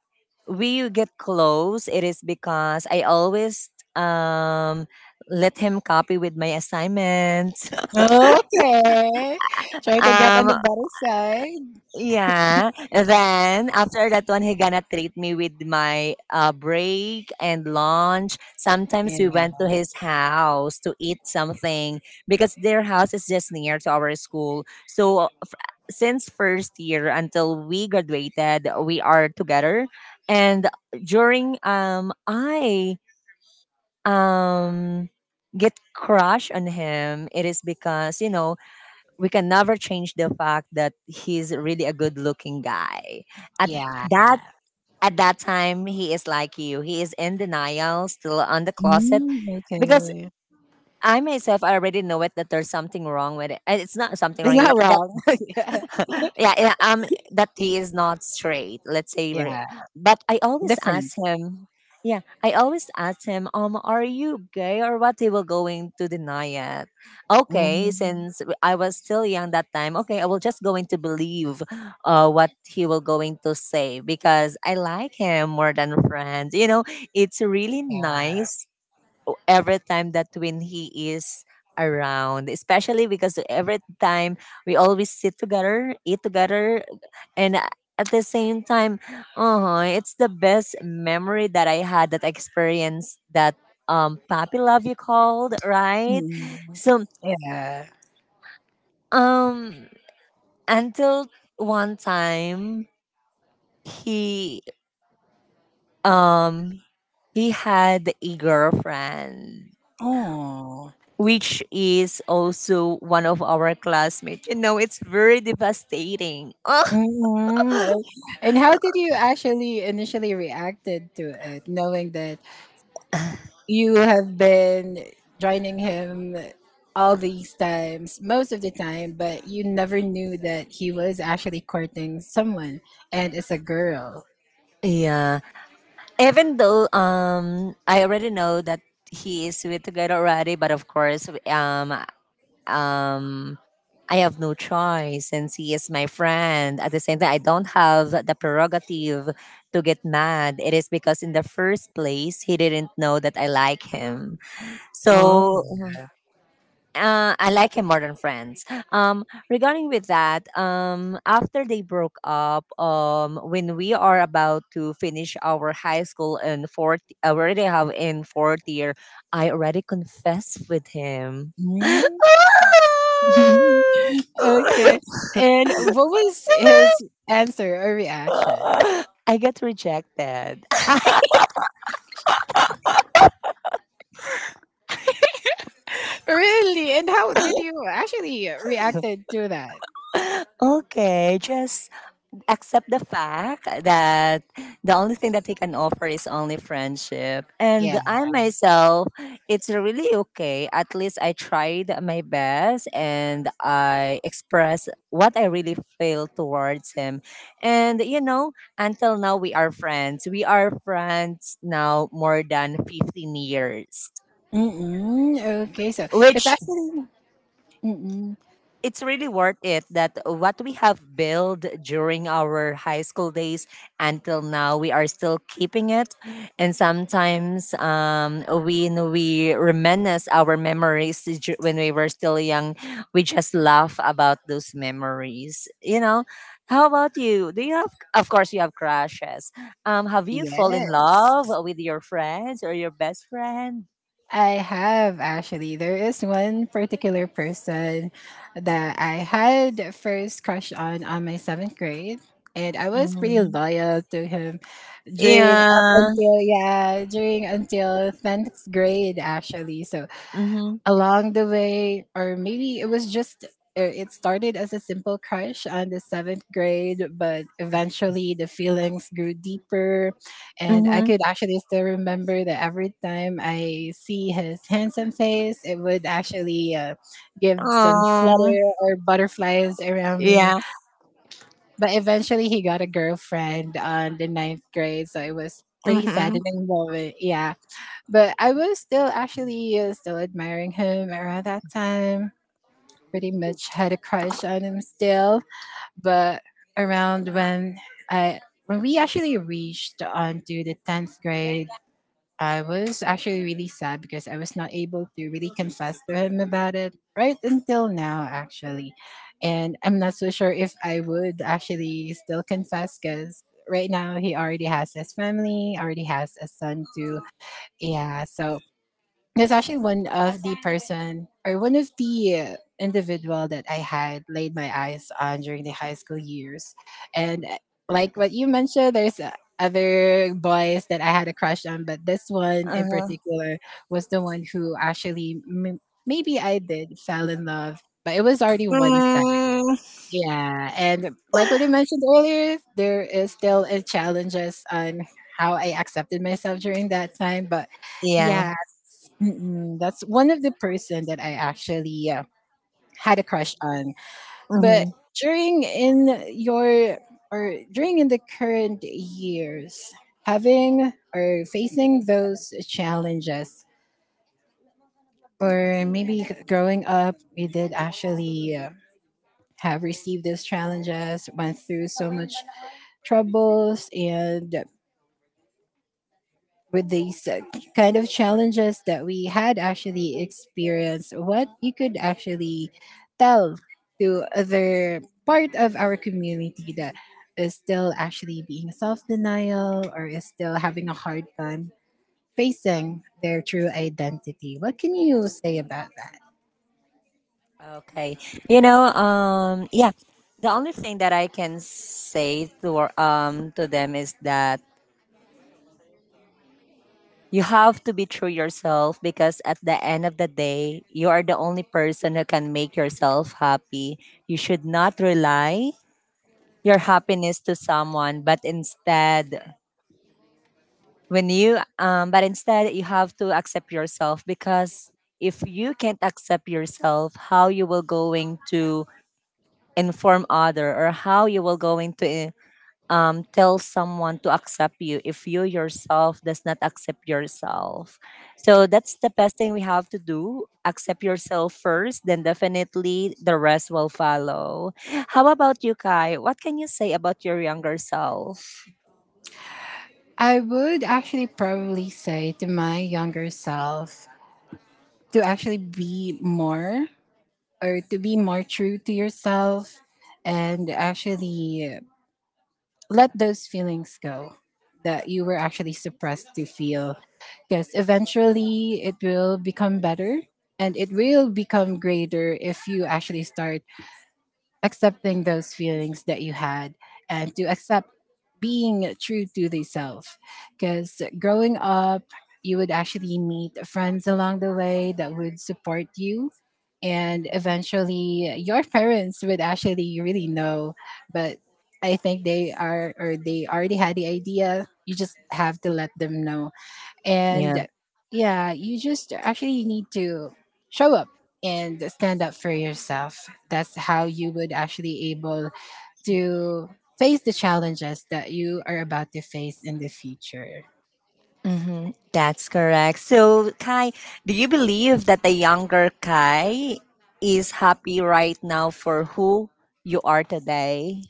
Speaker 1: we get close, it is because I always um let him copy with my assignments.
Speaker 2: yeah. Okay. Try to get on the
Speaker 1: Um
Speaker 2: better side.
Speaker 1: yeah. Then after that one he gonna treat me with my break and lunch. Sometimes
Speaker 2: Yeah.
Speaker 1: we went to his house to eat something because their house is just near to our school. So since first year until we graduated, we are together. And during I um get crush on him, it is because, you know, we can never change the fact that he's really a good looking guy at that at that time. He is like you, he is in denial, still on the closet
Speaker 2: Mm,
Speaker 1: because
Speaker 2: okay.
Speaker 1: I myself, I already know it, that there's something wrong with it, and it's not something
Speaker 2: It's not
Speaker 1: wrong.
Speaker 2: wrong. yeah.
Speaker 1: yeah, yeah, um, that he is not straight. Let's say, we
Speaker 2: Yeah.
Speaker 1: but I always
Speaker 2: Different.
Speaker 1: ask him. Yeah, I always ask him, are you gay or what? He will going to deny it. Okay,
Speaker 2: Mm,
Speaker 1: since I was still young that time, okay, I will just going to believe, what he will going to say because I like him more than friends. You know, it's really
Speaker 2: yeah.
Speaker 1: nice every time that when he is around, especially because every time we always sit together, eat together, and a- at the same time, oh, it's the best memory that I had, that experienced that puppy love, you called, right?
Speaker 2: Mm.
Speaker 1: So
Speaker 2: Yeah.
Speaker 1: um until one time he um he had a girlfriend,
Speaker 2: Oh.
Speaker 1: which is also one of our classmates. You know, it's very devastating. Ugh.
Speaker 2: Mhm. And how did you actually initially reacted to it, knowing that you have been joining him all these times, most of the time, but you never knew that he was actually courting someone, and it's a girl.
Speaker 1: Yeah. Even though I already know that he is with together already, but of course, um I have no choice since he is my friend. At the same time, I don't have the prerogative to get mad. It is because in the first place he didn't know that I like him.
Speaker 2: Oh.
Speaker 1: So I like him more than friends. Um, regarding with that, after they broke up, when we are about to finish our high school in fourth, I already have in fourth year. I already confessed with him.
Speaker 2: Mm. okay. And what was his answer or reaction?
Speaker 1: I get rejected.
Speaker 2: Really? And how did you actually reacted to that?
Speaker 1: Okay, just accept the fact that the only thing that he can offer is only friendship.
Speaker 2: Yeah.
Speaker 1: And I myself, it's really okay. At least I tried my best and I express what I really feel towards him. And you know, until now we are friends. We are friends now more than 15 years.
Speaker 2: Mm-mm. Okay, so it's
Speaker 1: Which
Speaker 2: actually, mm-mm.
Speaker 1: it's really worth it that what we have built during our high school days, until now we are still keeping it, and sometimes, when we reminisce our memories when we were still young, we just laugh about those memories, you know. How about you? Do you have, of course you have crushes, have you fall in
Speaker 2: Yes,
Speaker 1: love with your friends or your best friend?
Speaker 2: I have actually. There is one particular person that I had first crush on my seventh grade, and I was pretty
Speaker 1: Hmm.
Speaker 2: loyal to him during, up
Speaker 1: Yeah.
Speaker 2: until, yeah, during, until tenth grade actually. So
Speaker 1: Mm-hmm.
Speaker 2: along the way, or maybe it was just, it started as a simple crush on the seventh grade, but eventually the feelings grew deeper, and I could actually still remember that every time I see his handsome face, it would actually, give some flutter
Speaker 1: Mm-hmm.
Speaker 2: or butterflies around me.
Speaker 1: Yeah.
Speaker 2: But eventually he got a girlfriend on the ninth grade, so it was pretty sad
Speaker 1: Mhm.
Speaker 2: in the moment. Yeah, but I was still actually, still admiring him around that time. Pretty much had a crush on him still, but around when I when we actually reached onto the tenth grade, I was actually really sad, because I was not able to really confess to him about it right until now, actually. And I'm not so sure if I would actually still confess, because right now he already has his family, already has a son too. Yeah, so there's actually one of the person, or one of the, individual that I had laid my eyes on during the high school years. And like what you mentioned, there's, other boys that I had a crush on, but this one in
Speaker 1: Uh-huh.
Speaker 2: particular was the one who actually, maybe I did fell in love, but it was already one side.
Speaker 1: Mm.
Speaker 2: Yeah, and like what you mentioned earlier, there is still, challenges on how I accepted myself during that time, but
Speaker 1: Yeah.
Speaker 2: yeah, mm-mm, that's one of the person that I actually, had a crush on. But
Speaker 1: Mhm.
Speaker 2: during in your, or during in the current years, having or facing those challenges, or maybe growing up, we did actually, have received those challenges, went through so much troubles, and with these, kind of challenges that we had actually experienced, what you could actually tell to other part of our community that is still actually being self denial, or is still having a hard time facing their true identity. What can you say about that?
Speaker 1: Okay. You know, yeah, the only thing that I can say to to them is that you have to be true yourself because at the end of the day, you are the only person who can make yourself happy. You should not rely your happiness to someone, but instead when you but instead you have to accept yourself because if you can't accept yourself, how you will going to inform other, or how you will going to tell someone to accept you if you yourself does not accept yourself? So that's the best thing we have to do: accept yourself first, then definitely the rest will follow. How about you, Kai? What can you say about your younger self?
Speaker 2: I would actually probably say to my younger self to actually be more, or to be more true to yourself, and actually let those feelings go that you were actually suppressed to feel, because eventually it will become better, and it will become greater if you actually start accepting those feelings that you had, and to accept being true to yourself. Because growing up, you would actually meet friends along the way that would support you, and eventually your parents would actually really know. But I think they are, or they already had the idea, you just have to let them know.
Speaker 1: Mhm.
Speaker 2: And yeah, you just actually need to show up and stand up for yourself. That's how you would actually able to face the challenges that you are about to face in the future.
Speaker 1: Hmm. That's correct. So, Kai, do you believe that the younger Kai is happy right now for who you are today?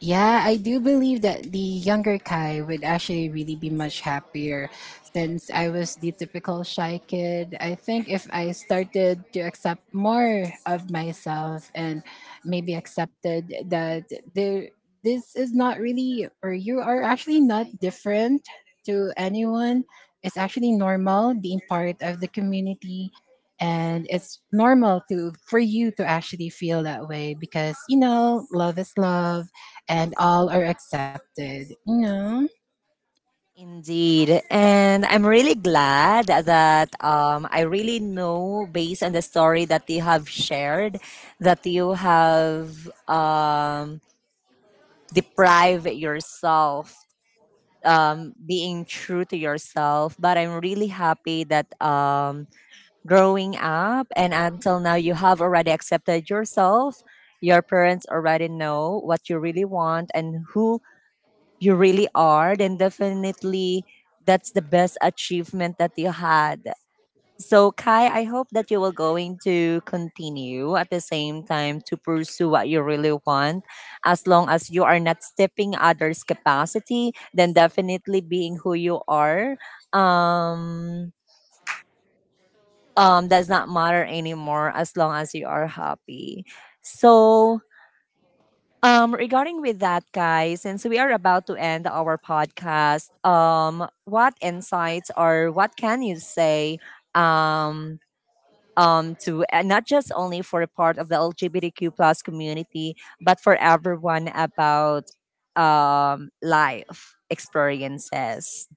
Speaker 2: Yeah, I do believe that the younger Kai would actually really be much happier, since I was the typical shy kid. I think if I started to accept more of myself, and maybe accepted that there this is not really, or you are actually not different to anyone. It's actually normal being part of the community, and it's normal to for you to actually feel that way, because love is love and all are accepted. You know?
Speaker 1: Indeed. And I'm really glad that, I really know, based on the story that you have shared, that you have deprived yourself being true to yourself, but I'm really happy that growing up and until now, you have already accepted yourself. Your parents already know what you really want and who you really are, then definitely that's the best achievement that you had. So Kai, I hope that you will going to continue at the same time to pursue what you really want, as long as you are not stepping others capacity. Then definitely being who you are um does not matter anymore as long as you are happy. So regarding with that, guys, since we are about to end our podcast, what insights or what can you say um to, and not just only for a part of the LGBTQ plus community, but for everyone, about life experiences.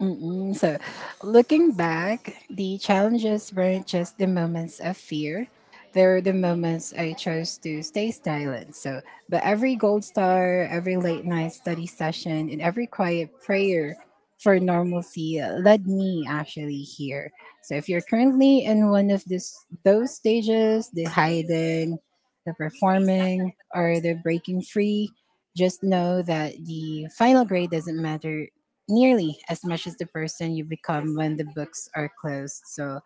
Speaker 2: Mm-mm. So, looking back, the challenges weren't just the moments of fear. They were the moments I chose to stay silent. So, but every gold star, every late night study session, and every quiet prayer for normalcy led me actually here. So, if you're currently in one of this those stages, the hiding, the performing, or the breaking free, just know that the final grade doesn't matter nearly as much as the person you become when the books are closed. So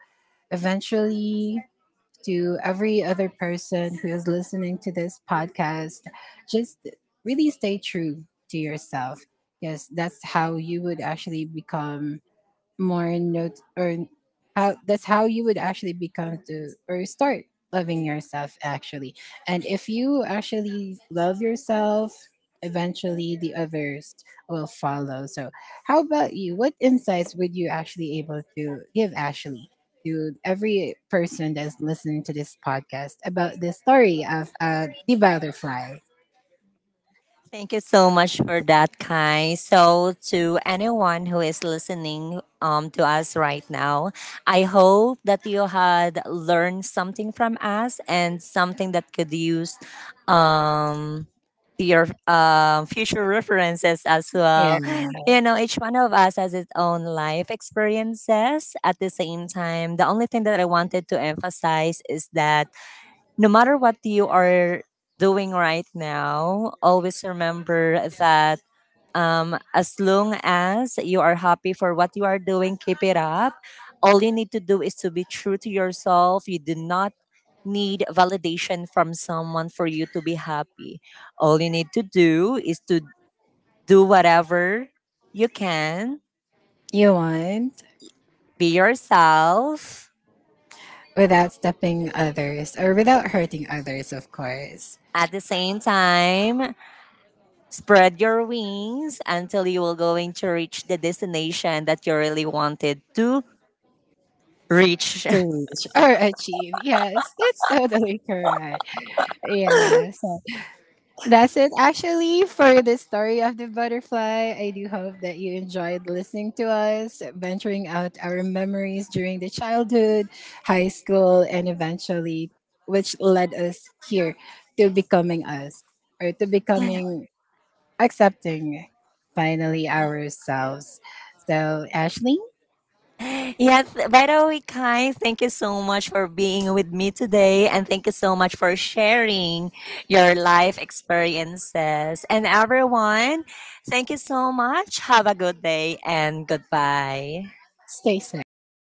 Speaker 2: eventually, to every other person who is listening to this podcast, just really stay true to yourself. Yes, that's how you would actually become more notes, or how that's how you would actually become to or start loving yourself actually. And if you actually love yourself, eventually the others will follow. So how about you, what insights would you actually able to give Ashley, to every person that's listening to this podcast about the story of, the butterfly?
Speaker 1: Thank you so much for that, Kai. So, to anyone who is listening, to us right now, I hope that you had learned something from us and something that could use, um, to your future references as
Speaker 2: Yeah.
Speaker 1: well. You know, each one of us has its own life experiences. At the same time, the only thing that I wanted to emphasize is that no matter what you are doing right now, always remember that, as long as you are happy for what you are doing, keep it up. All you need to do is to be true to yourself. You do not need validation from someone for you to be happy. All you need to do is to do whatever you can,
Speaker 2: You want.
Speaker 1: be yourself,
Speaker 2: Without stepping others, or without hurting others of course.
Speaker 1: at the same time spread your wings until you will going to reach the destination that you really wanted to reach.
Speaker 2: To reach or achieve. Yes, that's totally correct. Yeah, so that's it actually for the story of the butterfly. I do hope that you enjoyed listening to us, venturing out our memories during the childhood, high school, and eventually, which led us here, to becoming us, or to becoming, accepting, finally, ourselves. So, Ashley,
Speaker 1: Yes, by the way, Kai, thank you so much for being with me today and thank you so much for sharing your life experiences. And everyone, thank you so much. Have a good day and goodbye.
Speaker 2: stay safe.